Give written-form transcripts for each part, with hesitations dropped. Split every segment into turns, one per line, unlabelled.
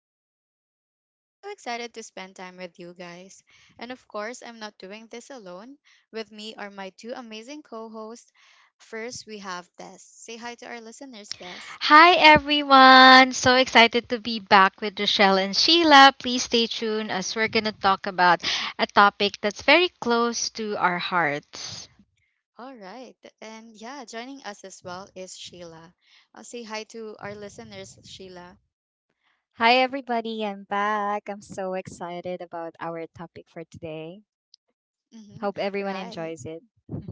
Rochelle, and I'm so excited to spend time with you guys. And of course, I'm not doing this alone. With me are my two amazing co hosts. First, we have Des. Say hi to our listeners, Des.
Hi everyone! So excited to be back with Rochelle and Sheila. Please stay tuned as we're going to talk about a topic that's very close to our hearts.
All right. And yeah, joining us as well is Sheila. I'll say hi to our listeners, Sheila.
Hi, everybody. I'm back. I'm so excited about our topic for today.
Hmm.
Hope everyone
Right.
enjoys it.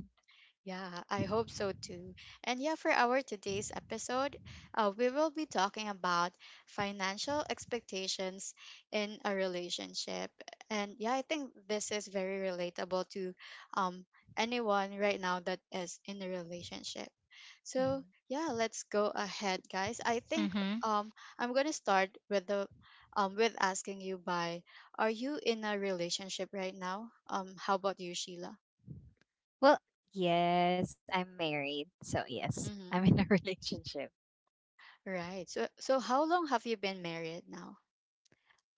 Yeah, I hope so too. And yeah, for our today's episode, we will be talking about financial expectations in a relationship. And yeah, I think this is very relatable to um, anyone right now that is in a relationship.
Mhm.
So yeah, let's go ahead, guys. I think
Mm-hmm.
um, I'm gonna start with the with asking you by, are you in a relationship right now? How about you, Sheila?
Well, yes, I'm married. So, yes,
Mm-hmm.
I'm in a relationship.
Right. So how long have you been married now?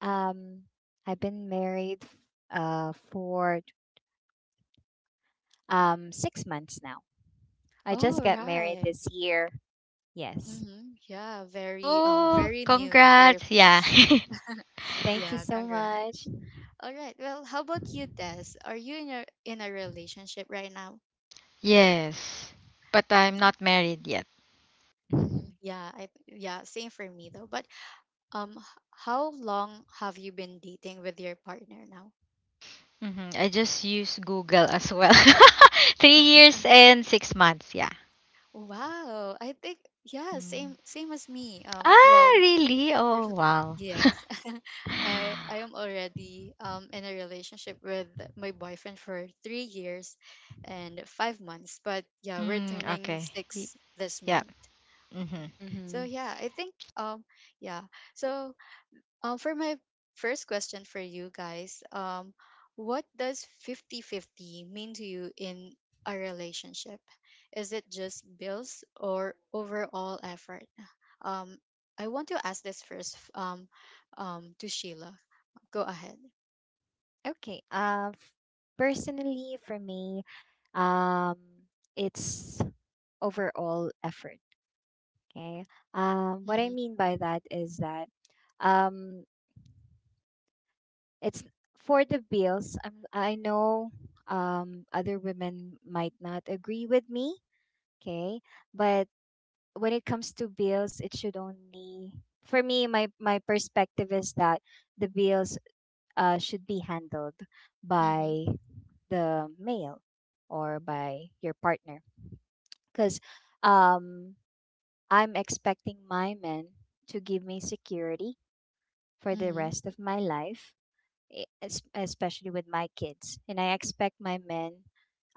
Um, I've been married for 6 months now. I just
Oh,
got married
right.
this year. Yes.
Mm-hmm. Yeah, very
Oh,
very new, very
congrats! Yeah.
fresh.
Thank
Yeah,
you so
congrats.
much.
All right. Well, how about you, Des? Are you in a relationship right now?
Yes. But I'm
Mm-hmm.
not married yet.
Mm-hmm. Yeah, I yeah, same for me though. But um h- how long have you been dating with your partner now?
I just use Google as well. 3 years and 6 months. Yeah.
Wow. I think yeah,
Mm.
same as me.
Ah,
Well,
really? Oh,
there's
wow.
yes. I am already in a relationship with my boyfriend for 3 years and 5 months, but yeah, we're
Mm,
turning
okay. Y-
six this
Yeah.
month.
Mm-hmm.
So
Hmm.
yeah, I think, yeah so for my first question for you guys, what does 50-50 mean to you in a relationship? Is it just bills or overall effort? Um, I want to ask this first, to Sheila. Go ahead.
Okay. Personally, for me, um, it's overall effort. Okay. What I
Mm-hmm.
mean by that is that um, it's for the bills. I know other women might not agree with me. Okay. But when it comes to bills, it should only, for me, my perspective is that the bills should be handled
Mm-hmm.
by the male or by your partner. Because um. I'm expecting my men to give me security for the
Mm-hmm.
rest of my life, especially with my kids. And I expect my men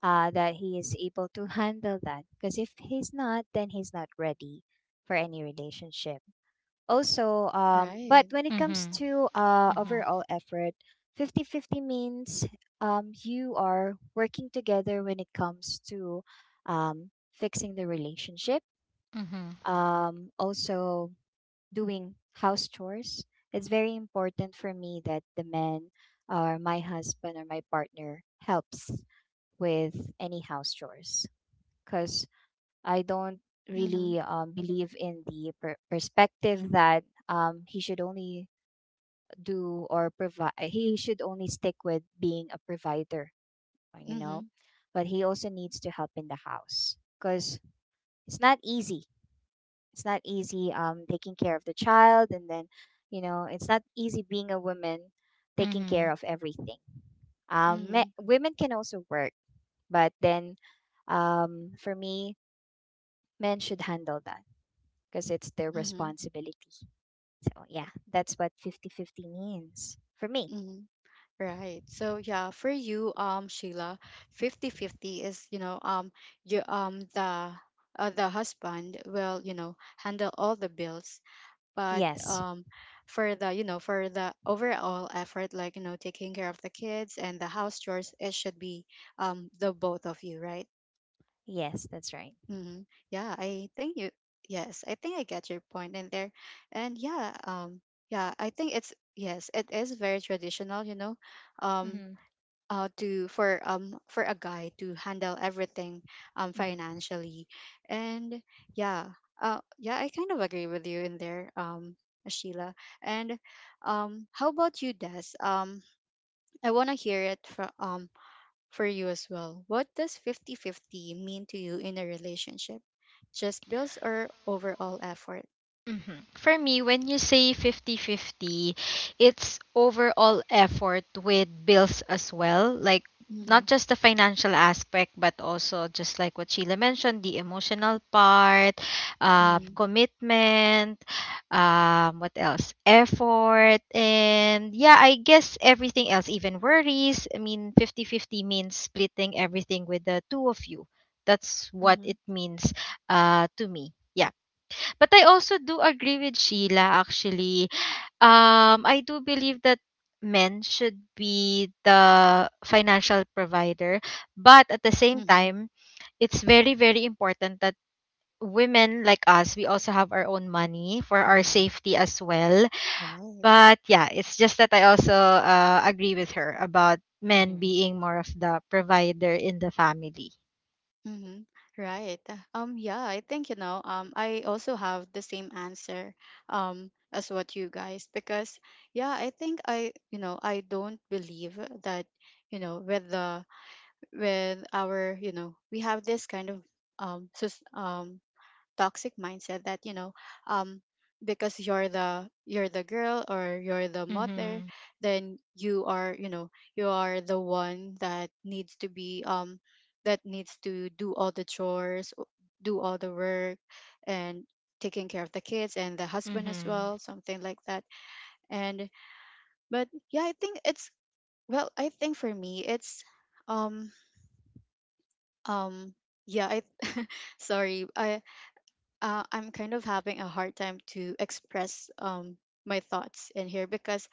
that he is able to handle that. Because if he's not, then he's not ready for any relationship. Also, but
Right.
when it comes
Mm-hmm.
to
Mm-hmm.
overall effort, fifty-fifty means you are working together when it comes to fixing the relationship,
Mm-hmm.
also doing house chores. It's very important for me that the man or my husband or my partner helps with any house chores, because I don't
Mm-hmm.
really believe in the perspective that he should only do or provide, he should only stick with being a provider, you know,
Mm-hmm.
but he also needs to help in the house because it's not easy it's not easy taking care of the child. And then it's not easy being a woman taking
Mm-hmm.
care of everything.
Mm-hmm.
Women can also work, but then for me, men should handle that because it's their
Mm-hmm.
responsibility. So yeah, that's what fifty-fifty means for me.
Mm-hmm. Right. So yeah, for you, Sheila, 50-50 is, you know, you, the husband will, you know, handle all the bills, but
Yes.
for the overall effort, like, you know, taking care of the kids and the house chores, it should be the both of you, right?
Yes, that's right.
Mm-hmm. Yeah, I think you. Yes, I think I get your point in there, and yeah, yeah, I think it's yes, it is very traditional, you know, um
Mm-hmm.
to for a guy to handle everything
Mm-hmm.
financially. And yeah, yeah, I kind of agree with you in there, Sheila. And how about you, Des? I want to hear it from for you as well. What does 50 50 mean to you in a relationship? Just bills or overall effort?
Mhm. For me, when you say 50-50, it's overall effort with bills as well. Like,
Mm-hmm.
not just the financial aspect, but also just like what Sheila mentioned, the emotional part,
Mm-hmm.
Mm-hmm.
commitment, what else? Effort. And yeah, I guess everything else, even worries. I mean, 50-50 means splitting everything with the two of you. That's what it means, to me. Yeah. But I also do agree with Sheila, actually. I do believe that men should be the financial provider, but at the same
Mm-hmm.
time, it's very very important that women like us, we also have our own money for our
Mm-hmm.
safety as well.
Right.
But yeah, it's just that I also, agree with her about men being
Mm-hmm.
more of the provider in the family.
Mm-hmm. Right. Yeah, I think, I also have the same answer, as what you guys, because yeah, I think I don't believe that, you know, with our, you know, we have this kind of, um, so, toxic mindset. That um because you're the girl, or you're the mother,
Mhm.
then you are the one that needs to do all the chores, do all the work, and taking care of the kids and the husband as
Mhm.
well, something like that. And but yeah, I think it's well, I think for me it's um um yeah I sorry. I'm kind of having a hard time to express, my thoughts in here, because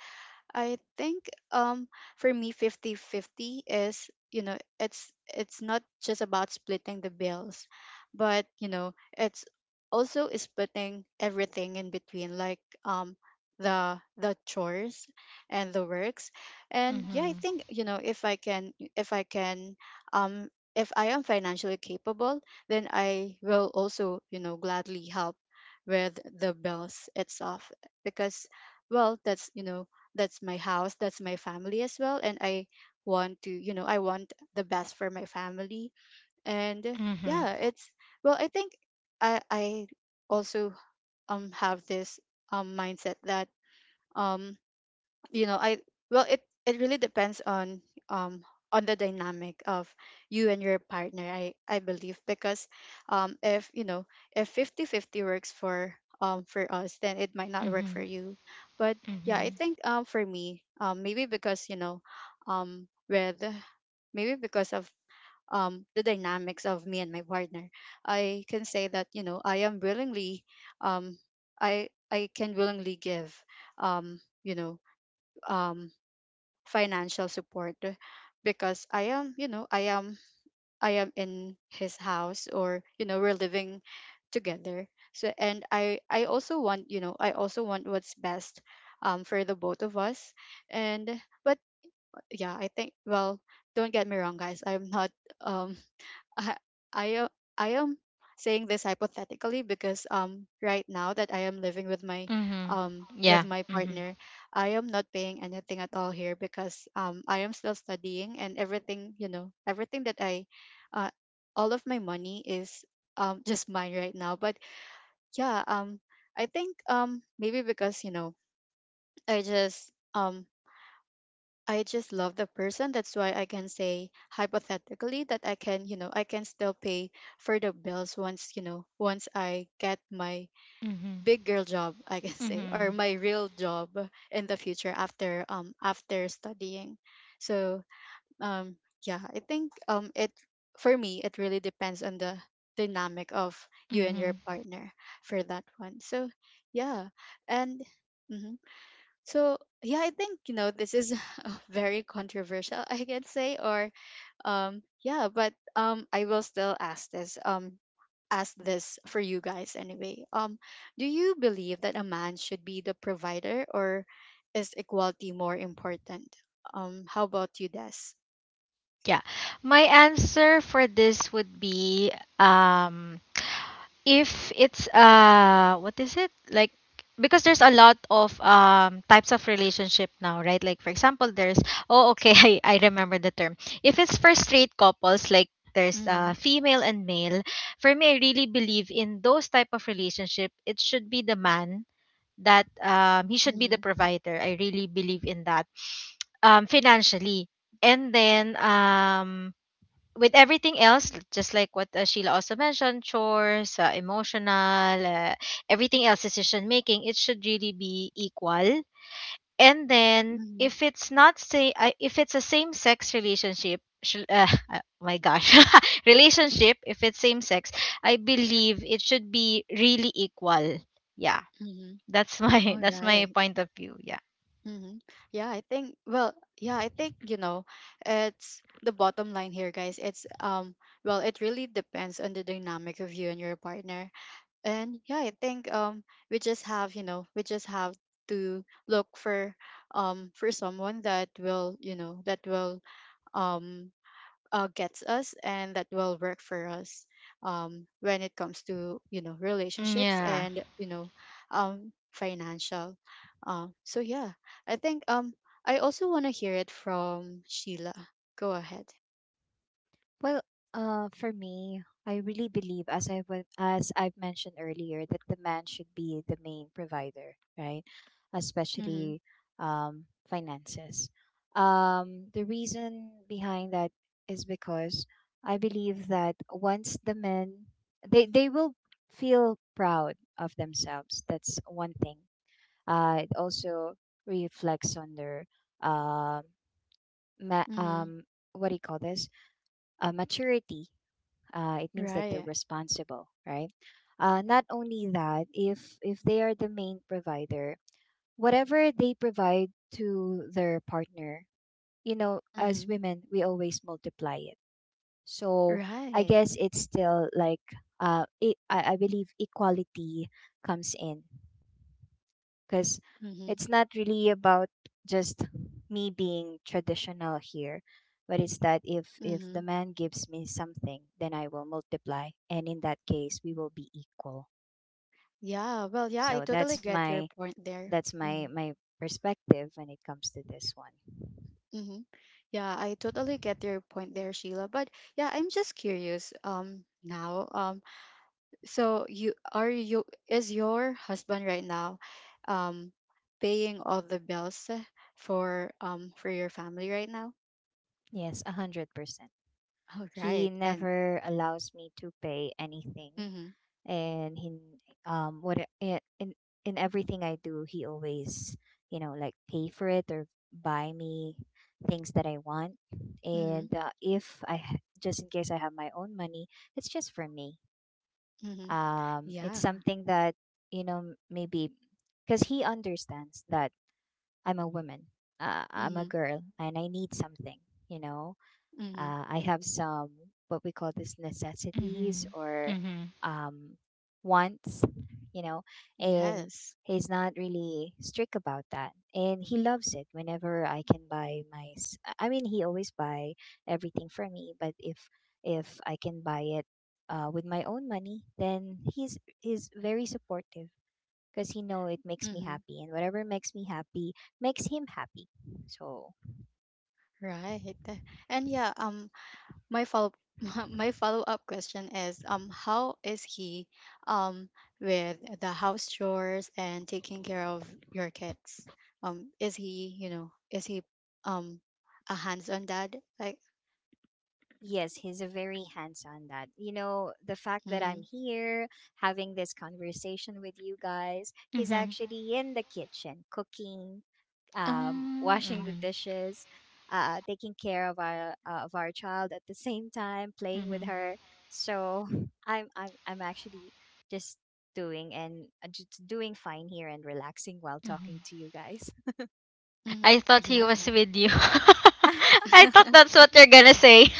I think for me, 50 50 is, you know, it's not just about splitting the bills, but you know, it's also splitting everything in between, like the chores and the works. And yeah, I
Mhm.
think, you know, um if I am financially capable, then I will also, you know, gladly help with the bills itself, because well, that's you know that's my house, that's my family as well, and I want to you know I want the best for my family. And
Mhm.
yeah,
Mhm.
it's well, I think I also have this, mindset that, um you know I well it really depends um on the dynamic of you and your partner, I believe, because if you know if 50 50 works for for us, then it might not work for
Mhm.
you. But yeah, I
Mhm.
think, for me, maybe because, you know, with maybe because of the dynamics of me and my partner, I can say that, you know, um I can willingly give, um you know um financial support, because I am in his house, or, you know, we're living together. So, and I also want, you know, I also want what's best for the both of us. And but yeah, I think, well, don't get me wrong guys, I'm not, um I I am I am saying this hypothetically, because right now that I am living with my,
Mm-hmm.
um
Yeah.
with my
Mm-hmm.
partner, I am not paying anything at all here, because I am still studying, and everything, you know, everything that I uh all of my money is just mine right now. But yeah, I think, maybe because, you know, I just um I just love the person. That's why I can say hypothetically that I can still pay for the bills once I get my
Mm-hmm.
big girl job, I can say, or
Mm-hmm.
my real job in the future, after after studying. So, um yeah, I think, it for me, it really depends on the dynamic of you and your
Mm-hmm.
partner for that one. So yeah. And mhm. So yeah, I think this is, very controversial, I can say, or yeah, but I will still ask this for you guys anyway. Do you believe that a man should be the provider, or is equality more important? How about you, Des?
Yeah. My answer for this would be, um if it's, what is it? Like, because there's a lot of types of relationship now, right? Like, for example, there's oh, okay, I remember the term. If it's for straight couples, like there's,
Mm-hmm.
female and male. For me, I really believe in those type of relationship, it should be the man, that he should be the
Mm-hmm.
provider. I really believe in that, financially. And then, with everything else, just like what, Sheila also mentioned, chores, emotional, everything else, decision making, it should really be equal. And then,
Mm-hmm.
if it's not, say, I if it's a same sex relationship, my gosh, relationship, if it's same sex, I believe it should be really equal. Yeah,
Mm-hmm.
that's my
All
that's my point of view. Yeah.
Mm-hmm. Yeah, I think, well, yeah, I think, it's the bottom line here, guys. It's Well, it really depends on the dynamic of you and your partner. And yeah, I think we just have to look for for someone that will, that will um gets us and that will work for us, when it comes to, you know, relationships,
Yeah.
and financial. So yeah, I think I also want to hear it from Sheila. Go ahead.
Well, for me, I really believe, as I've mentioned earlier, that the man should be the main provider, right?
Mm-hmm.
Especially finances. The reason behind that is because I believe that once the men, they will feel proud of themselves. That's one thing. It also reflects on their um, ma- um,
Mm-hmm.
what do you call this? Maturity. It means that they're
Right.
responsible, right? Not only that, if they are the main provider, whatever they provide to their partner, as
Mm-hmm.
women, we always multiply it. So I
Right.
guess it's still like, I believe equality comes in, because
Mm-hmm.
it's not really about just me being traditional here, but it's that if
Mm-hmm.
the man gives me something, then I will multiply, and in that case, we will be equal.
Yeah, well, yeah, I
So
totally
that's
get your
my
point there.
that's my
Mm-hmm.
my perspective when it comes to this one.
Mm-hmm. Yeah, I totally get your point there, Sheila. But yeah, I'm just curious now. So you are you is your husband right now um paying all the bills for for your family right now?
Yes, 100%.
Oh, right.
He
And
never allows me to pay anything.
mhm.
And he, what in everything I do, he always, like, pay for it or buy me things that I want.
Mhm.
And if I ha- just in case I have my own money, it's just for me.
Mhm.
It's
Yeah.
something that, maybe because he understands that I'm a woman. I'm a
Mhm.
girl and I need something you know
Mhm.
I have some, what we call this, necessities
Mhm.
or
Mhm.
um, wants, you know, and
Yes.
he's not really strict about that. And he loves it whenever I can buy I mean, he always buy everything for me, but if I can buy it with my own money, then he's very supportive because he know it makes me
Mhm.
happy, and whatever makes me happy makes him happy. So
Right. And yeah, my follow my follow up question is, how is he um with the house chores and taking care of your kids? Is he um a hands on dad, like?
yes, he's a very hands-on dad. You know, the fact that
Mm-hmm.
I'm here having this conversation with you guys, he's
Mhm.
actually in the kitchen cooking, washing the
Mhm.
dishes, taking care of our child at the same time, playing with
Mhm.
her. So I'm actually just just doing fine here and relaxing while talking
Mhm.
to you guys.
I
Mm-hmm.
thought he
Yeah.
was with you. I thought that's what you're gonna say.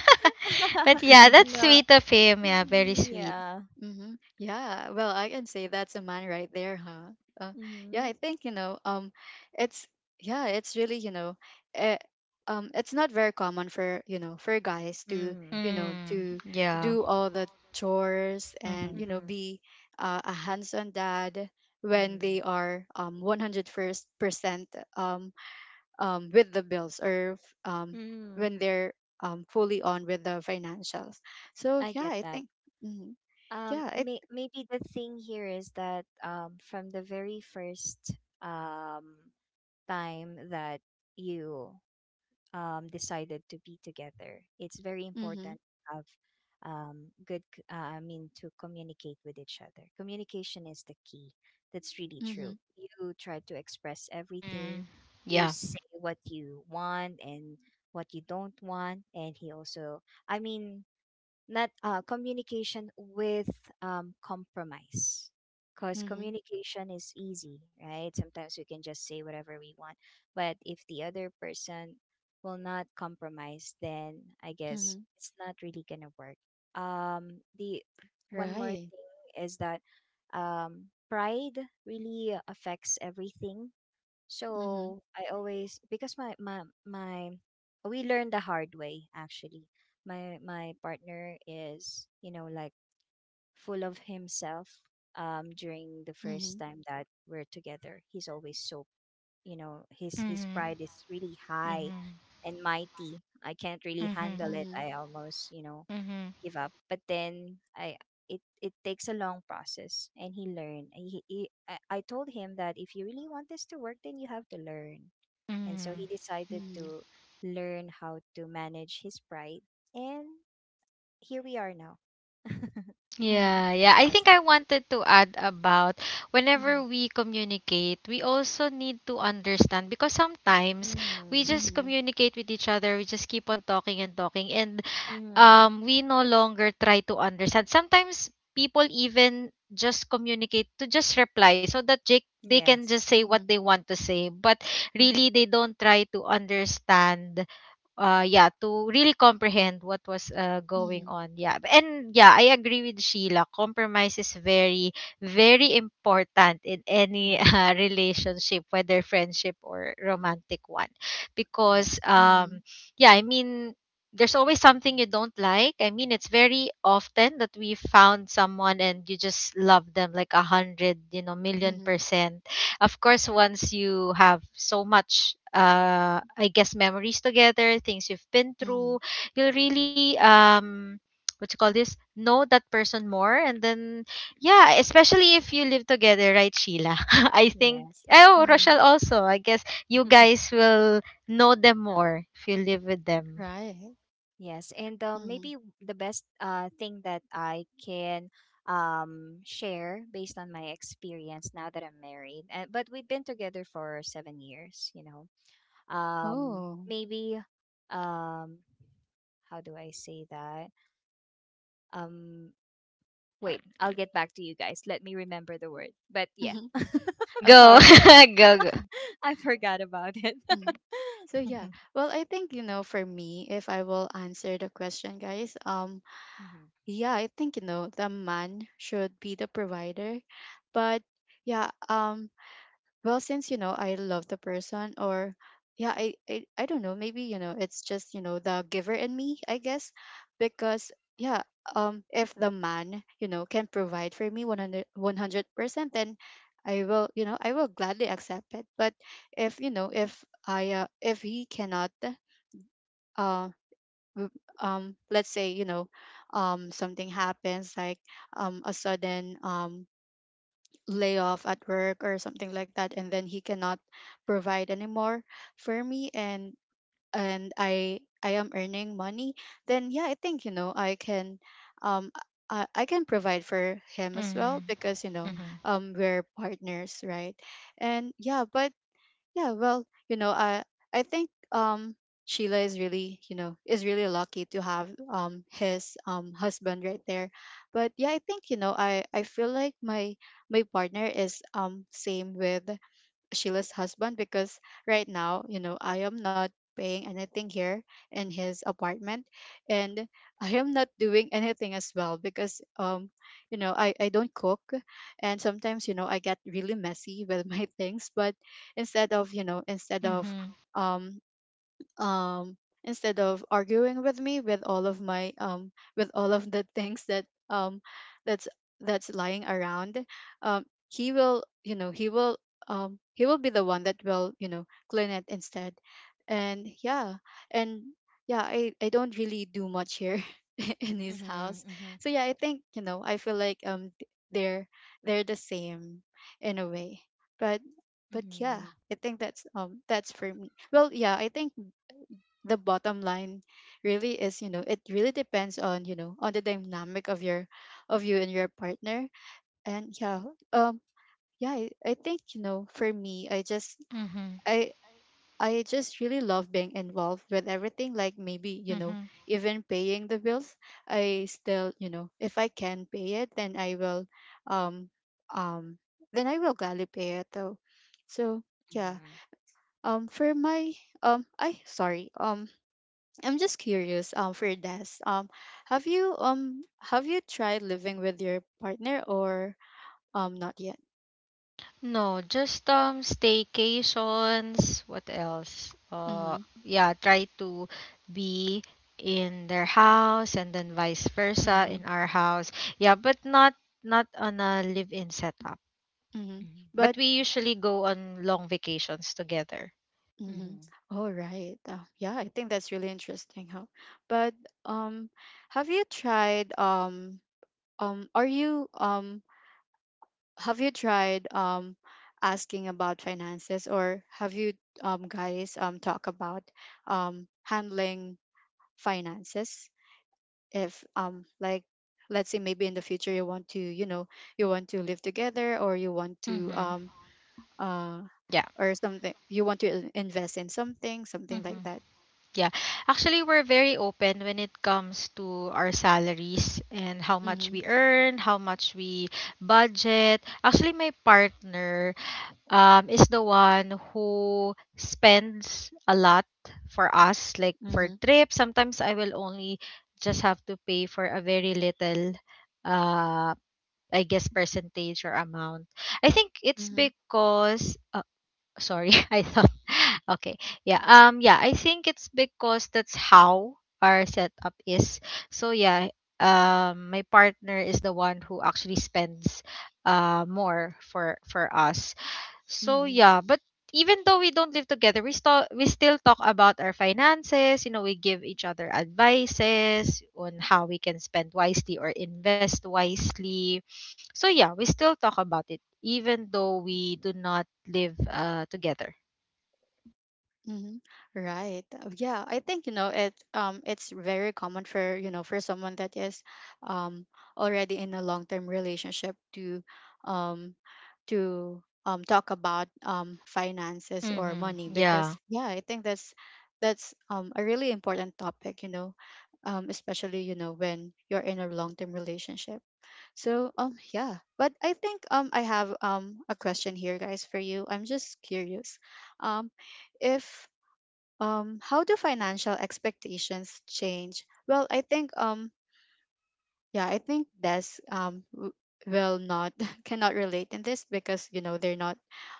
But yeah, that's
No.
sweet of him. Yeah, very
Mm,
sweet.
yeah.
Mm-hmm. Yeah. Well, I can say that's a man right there, huh? Uh, yeah,
Mm-hmm.
I think, it's yeah, it's really, eh, it's not very common for, for guys to,
Mm-hmm.
you know
Mm,
to
yeah.
do all the chores, and
Mhm.
Mm-hmm.
be a hands-on dad, when they
Mm-hmm.
are 100 first percent, um with the bills, or
Mm,
when they're fully on with the financials. So
I
yeah,
get
I
that.
think. Hmm. Yeah, I.
Maybe the thing here is that, from the very first um, time that you decided to be together, it's very important
Mhm.
to have I mean, to communicate with each other. Communication is the key. That's really true.
Mhm.
You try to express everything,
Mhm.
you
Yeah.
say what you want and what you don't want, and he also, I mean, not communication with compromise, because
Mhm.
communication is easy, right? Sometimes we can just say whatever we want, but if the other person will not compromise, then I guess
Mhm.
it's not really gonna work. The one more
Right.
thing is that, pride really affects everything.
Mhm.
So I always because my we learned the hard way, actually. My partner is, like, full of himself during the first
Mhm.
time that we're together. He's always so, his
Mhm.
pride is really high
Mhm.
and mighty. I can't really
Mhm.
handle it.
Mhm.
I almost,
Mhm.
give up. But then I it it takes a long process, and he learned. I told him that if you really want this to work, then you have to learn. And so he
Mhm.
decided
Mhm.
to learn how to manage his pride. And here we are now,
Mhm.
Yeah,
I
yeah. I
guess.
think I wanted to add about,
Mm-hmm.
whenever we communicate, we also need to understand, because sometimes we
Mm-hmm.
just
Mhm.
communicate with each other, we just keep on talking and talking, and
Mm-hmm.
we no longer try to understand. Sometimes people even just communicate to just reply so that Jake they can
Yes.
just say what they
Mhm.
want to say, but
Mm-hmm.
really they don't try to understand, yeah, to really comprehend what was, going
Mhm.
on. Yeah, and yeah, I agree with Sheila. Compromise is very very important in any
Mm-hmm.
relationship, whether friendship or romantic one,
Yes.
because
Mhm.
yeah, I mean, there's always something you don't like. I mean, it's very often that we found someone and you just love them like a hundred, million
Mhm.
percent. Of course, once you have so much, I guess, memories together, things you've been
Mhm.
through, you'll really, what you call this, know that person more. And then, yeah, especially if you live together, right, Sheila? I think,
Yes.
oh,
Mhm.
Rochelle also, I guess you guys will know them more if you live with them.
Right.
Yes, and
Mhm.
maybe the best thing that I can share based on my experience now that I'm married, but we've been together for seven years.
Oh.
Maybe, um, how do I say that? Um, Wait, I'll get back to you guys. Let me remember the word. But
Mhm.
yeah,
Go,
Okay.
sorry,
Yeah.
go, go.
I forgot about it.
Mhm. So yeah. Well, I think you know for me, if I will answer the question, guys,
Mhm,
yeah, I think you know the man should be the provider, but yeah, um, well since you know I love the person. Or I don't know, maybe you know it's just you know the giver in me I guess, because if the man you know can provide for me 100%, then I will, you know, I will gladly accept it. But if you know if he cannot, uh w- let's say you know, something happens like a sudden layoff at work or something like that, and then he cannot provide anymore for me, and and I am earning money, then yeah, I think you know I can, um I can provide for him as
Mm-hmm.
well, because you know
mhm,
Mm-hmm.
we're partners, right? And well, you know, I think Sheila is really, you know, is really lucky to have his husband right there. But yeah, I think, you know, I feel like my partner is same with Sheila's husband, because right now, you know, I am not paying anything here in his apartment, and I am not doing anything as well, because you know I don't cook, and sometimes you know I get really messy with my things. But instead of you know, instead of,
Mm-hmm.
um um instead of arguing with me with all of my with all of the things that that's that's lying around, he will, you know, he will, he will be the one that will, you know, clean it instead. And yeah and yeah, I don't really do much here in his
mhm,
house.
mhm,
So yeah, I think you know, I feel like they're the same in a way. but
mhm,
but yeah,
mhm,
I think that's for me. Well yeah, I think the bottom line really is, you know, it really depends on, you know, on the dynamic of your, of you and your partner. And yeah um yeah I think you know for me, I just, i I just really love being involved with everything, like maybe you know,
Mm-hmm.
even paying the bills, I still, you know, if I can pay it, then I will, um um then I will gladly pay it though. So yeah.
mhm,
Um for my um i sorry um I'm just curious, for this, have you tried living with your partner, or not yet?
No, just staycations. What else?
Mm-hmm.
Yeah, try to be in their house and then vice versa
Mm-hmm.
in our house. Yeah, but not on a live-in setup.
Mm-hmm.
mhm,
But
But
we usually go on long vacations together.
mm-hmm.
mhm.
All right. Yeah, I think that's really interesting, huh? But um, have you tried are you have you tried asking about finances, or have you guys talk about handling finances? If like, let's say maybe in the future you want to, you know, you want to live together, or you want to
Mm-hmm.
uh
Yeah.
or something, you want to invest in something, something
Mm-hmm.
like that.
Yeah. Actually, we're very open when it comes to our salaries and how much
Mm-hmm.
we earn, how much we budget. Actually, my partner is the one who spends a lot for us, like for
Mm-hmm.
trips. Sometimes I will only just have to pay for a very little, uh I guess, percentage or amount. I think it's
Mm-hmm.
because, sorry, I thought. Okay. Yeah, yeah, I think it's because that's how our setup is. So yeah, my partner is the one who actually spends, more for us. So
Mm-hmm.
yeah, but even though we don't live together, we still talk about our finances. You know, we give each other advices on how we can spend wisely or invest wisely. So yeah, we still talk about it even though we do not live, together.
Mm-hmm. Right. Yeah, I think you know it. It's very common for, you know, for someone that is, um, already in a long term relationship to, um, talk about finances or
Mhm.
money,
Yeah.
because yeah, I think that's a really important topic, you know, especially you know when you're in a long-term relationship. So yeah, but I think I have a question here, guys, for you. I'm just curious, um if how do financial expectations change? Well I think yeah I think that's will not cannot relate in this, because you know they're not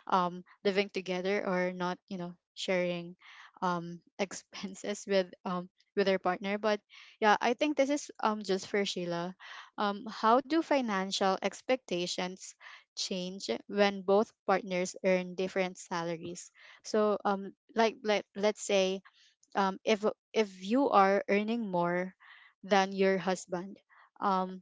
living together, or not, you know, sharing expenses with their partner. But yeah, I think this is just for Sheila. Um, how do financial expectations change when both partners earn different salaries? So like, let's say, um, if if you are earning more than your husband, um,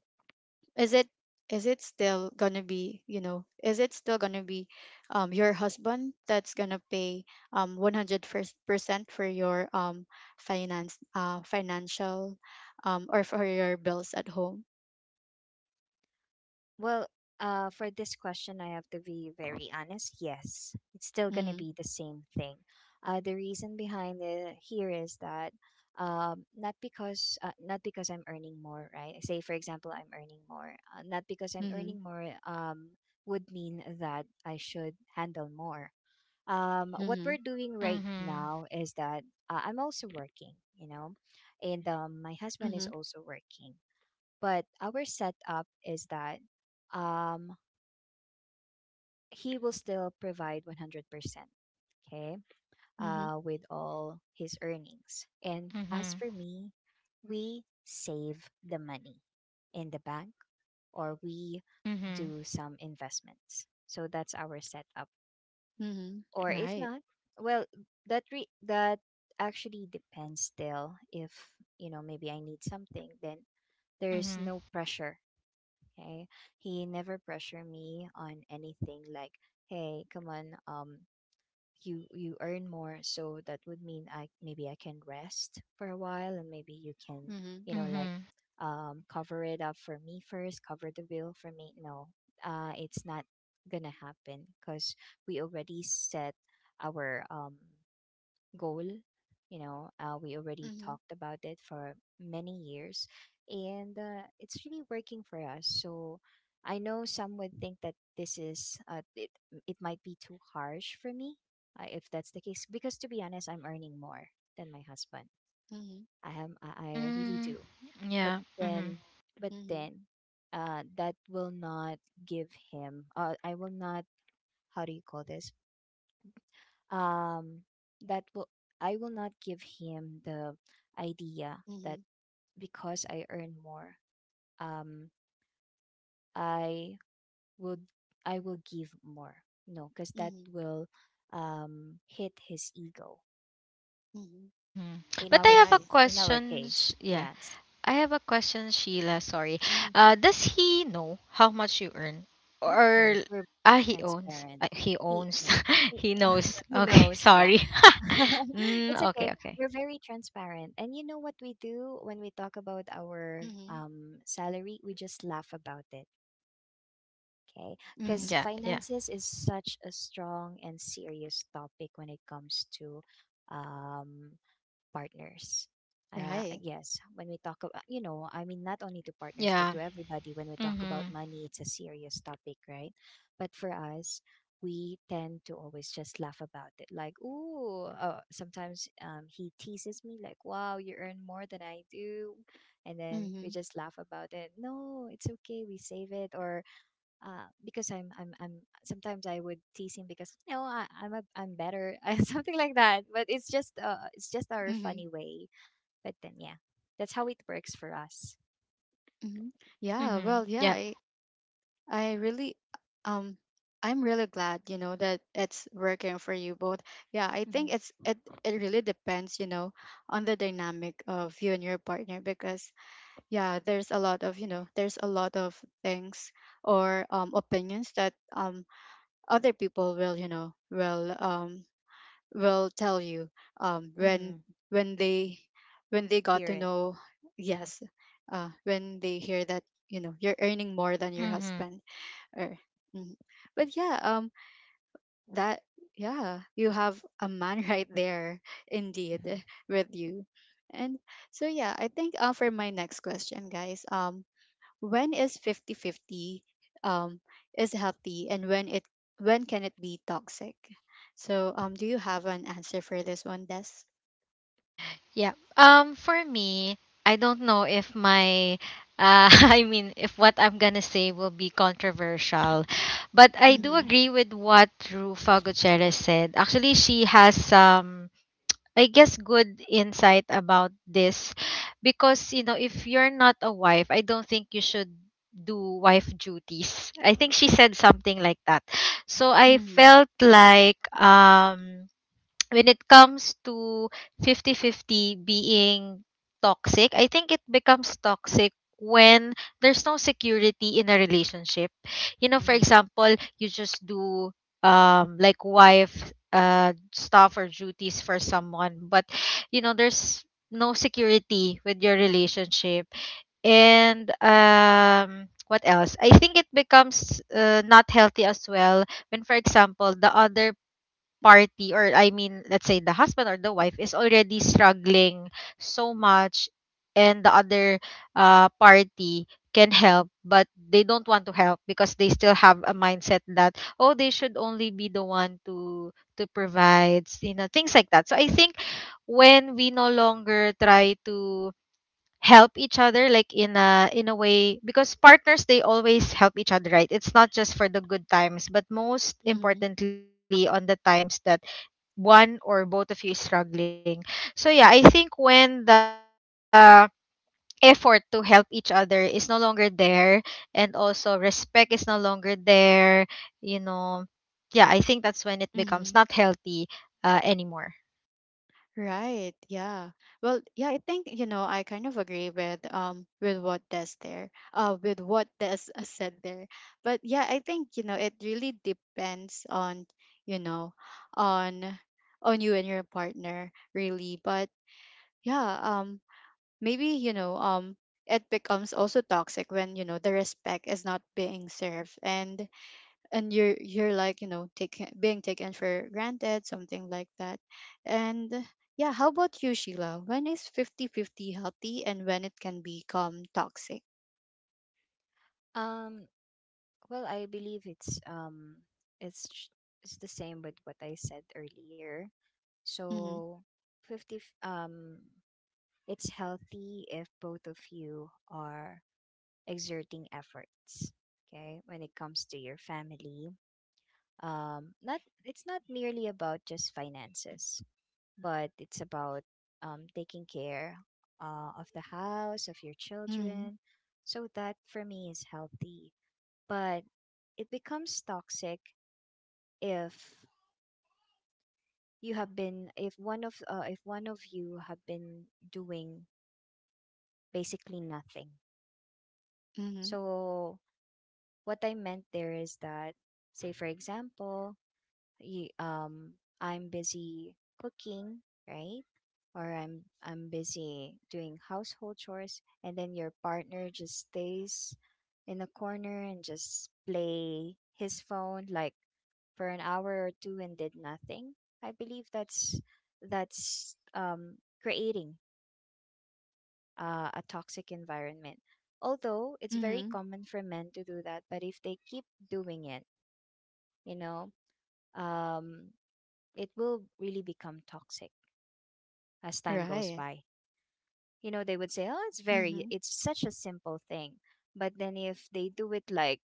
is it, is it still gonna be, you know, is it still gonna be your husband that's gonna pay 100% for your finance financial or for your bills at home?
Well, for this question, I have to be very honest. Yes, it's still going to
Mm-hmm.
be the same thing. The reason behind it here is that, not because I'm earning more, right? Say, for example, I'm earning more. Not because I'm
Mm-hmm.
earning more would mean that I should handle more. What
Mm-hmm.
we're doing right
Mhm.
now is that I'm also working, and my husband
Mm-hmm.
is also working. But our setup is that, um, he will still provide 100%, okay,
Mm-hmm.
with all his earnings. And as
Mhm.
for me, we save the money in the bank or we
Mhm.
do some investments. So that's our setup. Or if
Right.
not, well, that actually depends still, if, maybe I need something, then there is
Mhm.
no pressure. Okay. He never pressure me on anything, like, hey, come on, you earn more, so that would mean I can rest for a while, and maybe you
Hmm, right.
can,
Mm-hmm.
like,
Mhm.
cover it up for me first, cover the bill for me. No. It's not gonna happen because we already set our goal. You know, we already
Mm-hmm.
talked about it for many years, and it's really working for us. So I know some would think that this is it. It might be too harsh for me, if that's the case, because to be honest, I'm earning more than my husband.
Mm-hmm.
I am. I really
Mm.
do. But
Yeah. Mhm.
then, but
Mm-hmm.
then, that will not give him. I will not. How do you call this? um that will I will not give him the idea
Mm-hmm.
that because I earn more, um I would I will give more. No, because that
Mm-hmm.
will hit his ego.
Mm-hmm.
Mhm.
in
But I
our
have a
Right.
case in our
question.
case
Yeah.
yes.
I have a question, Sheila. Sorry.
Hmm.
Does he know how much you earn?
Of
Or
course, we're
he owns.
transparent.
He
He
owns.
Yeah, he,
He knows.
he
Okay.
knows. Yeah.
Sorry.
It's
Mm,
okay.
okay. Okay.
We're very transparent. And you know what we do when we talk about our
Mm-hmm.
salary? We just laugh about it. Okay.
Mhm.
Mm-hmm.
Because
Yeah. Yeah.
finances is such a strong and serious topic when it comes to um, partners.
Right.
Yes, when we talk about, I mean, not only to partners, but
Yeah.
to everybody, when we talk about
Mm-hmm.
money, it's a serious topic, right? But for us, we tend to always just laugh about it. Like, ooh, sometimes he teases me, like, wow, you earn more than I do. And then we
Mhm.
just laugh about it. No, it's okay. We save it. Or because I'm sometimes I would tease him because I'm better and something like that. But it's just our
Mhm.
funny way. But then yeah, that's how it works for us.
Mhm. Yeah,
Mm-hmm.
well, yeah,
Yep.
I really um I'm really glad, you know, that it's working for you both. Yeah, I
Mm-hmm.
think it's it, it really depends, you know, on the dynamic of you and your partner, because yeah, there's a lot of, you know, there's a lot of things or opinions that other people will, you know, will tell you um, when
Mm-hmm.
when they, when they got
Hear
to
it.
know.
Mm-hmm.
Yes, when they hear that, you know, you're earning more than your
Mm-hmm.
husband, or mhm. But yeah that, yeah, you have a man right there, indeed, with you. And so yeah, I think for my next question, guys, um, when is 50-50, um, is healthy, and when it, when can it be toxic? So do you have an answer for this one, Des?
Yeah. For me, I don't know if my, I mean, if what I'm gonna say will be controversial, but I
Mm-hmm.
do
Mm-hmm.
agree with what Rufa Gutierrez said. Actually, she has some, I guess, good insight about this, because, if you're not a wife, I don't think you should do wife duties. I think she said something like that. So I
Mm-hmm.
felt like, when it comes to 50-50 being toxic, I think it becomes toxic when there's no security in a relationship. You know, for
Mm-hmm.
example, you just do like wife, stuff or duties for someone, but you know there's no security with your relationship. And what else, I think it becomes, not healthy as well, when, for example, the other party, or I mean, let's say the husband or the wife is already struggling so much, and the other, party can help but they don't want to help, because they still have a mindset that, oh, they should only be the one to provide, you know, things like that. So I think when we no longer try to help each other, like, in a way, because partners, they always help each other, right? It's not just for the good times, but most
Mm-hmm.
importantly on the times that one or both of you is struggling. So yeah, I think when the effort to help each other is no longer there, and also respect is no longer there, you know, yeah, I think that's when it
Mm-hmm.
becomes not healthy, anymore.
Right, yeah. Well yeah, I think you know I kind of agree with what Des there, with what Des said there. But yeah, I think you know it really depends on, you know, on on you and your partner really. But yeah um, maybe you know it becomes also toxic when, you know, the respect is not being served, and you're, like, you know, taking, being taken for granted, something like that. And yeah, how about you, Sheila? When is 50 50 healthy, and when it can become toxic?
Um, Well, I believe it's ch- it's the same with what I said earlier.
Mm-hmm.
So 50 f- um it's healthy if both of you are exerting efforts, okay? When it comes to your family, not it's not merely about just finances, but it's about taking care of the house, of your
Mm-hmm.
children. So that for me is healthy. But it becomes toxic if you have been if one of you have been doing basically nothing.
Mm-hmm.
So what I meant there is that, say for example, you, um I'm busy cooking, right? Or I'm busy doing household chores, and then your partner just stays in the corner and just play his phone, like, for an hour or two, and did nothing. I believe that's creating a toxic environment. Although it's very
Mm-hmm.
common for men to do that, but if they keep doing it, you know, um, it will really become toxic as time goes
Right.
by. You know, they would say, "Oh,
Mm-hmm.
it's such a simple thing," but then if they do it, like,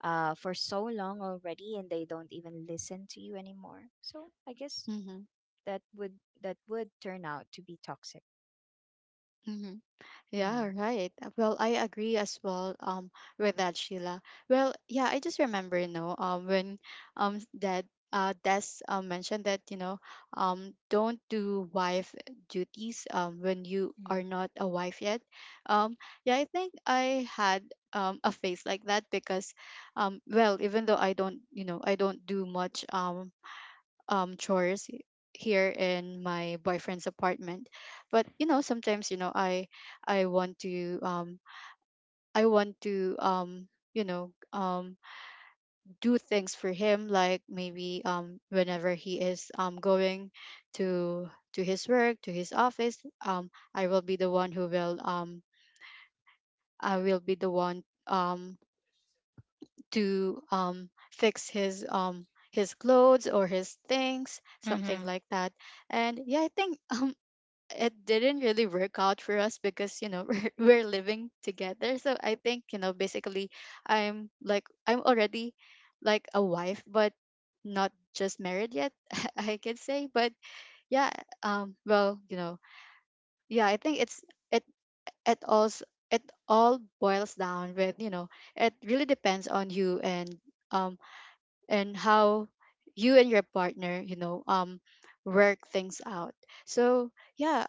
for so long already, and they don't even listen to you anymore. So I guess
Mm-hmm.
that would that would turn out to be toxic.
Mm-hmm. Yeah,
Hmm.
right. Well, I agree as well with that, Sheila. Well, yeah, I just remember, you know, when that Des mentioned that, you know, don't do wife duties when you
Hmm.
are not a wife yet. Um yeah, I think I had a phase like that, because well, even though I don't, you know, I don't do much chores here in my boyfriend's apartment, but you know sometimes, you know, I want to I want to you know do things for him, like maybe whenever he is going to to his work, to his office, I will be the one who will I will be the one um to fix his clothes or his things, something like that.
Mm-hmm.
And yeah, I think it didn't really work out for us, because you know we're living together, so I think you know basically I'm like I'm already like a wife, but not just married yet. I could say, but yeah well you know, yeah, I think it's, it it also, it all boils down with, you know, it really depends on you um and how you and your partner, you know, work things out. So yeah.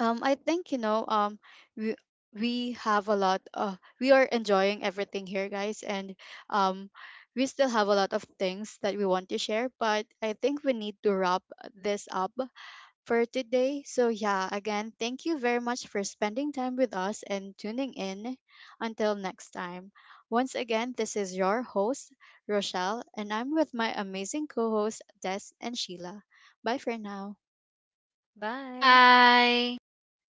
I think you know, we we have a lot. We are enjoying everything here, guys, and um, we still have a lot of things that we want to share. But I think we need to wrap this up for today. So yeah, again, thank you very much for spending time with us and tuning in. Until next time. Once again, this is your host Rochelle, and I'm with my amazing co-hosts Des and Sheila. Bye for now.
Bye.
Bye.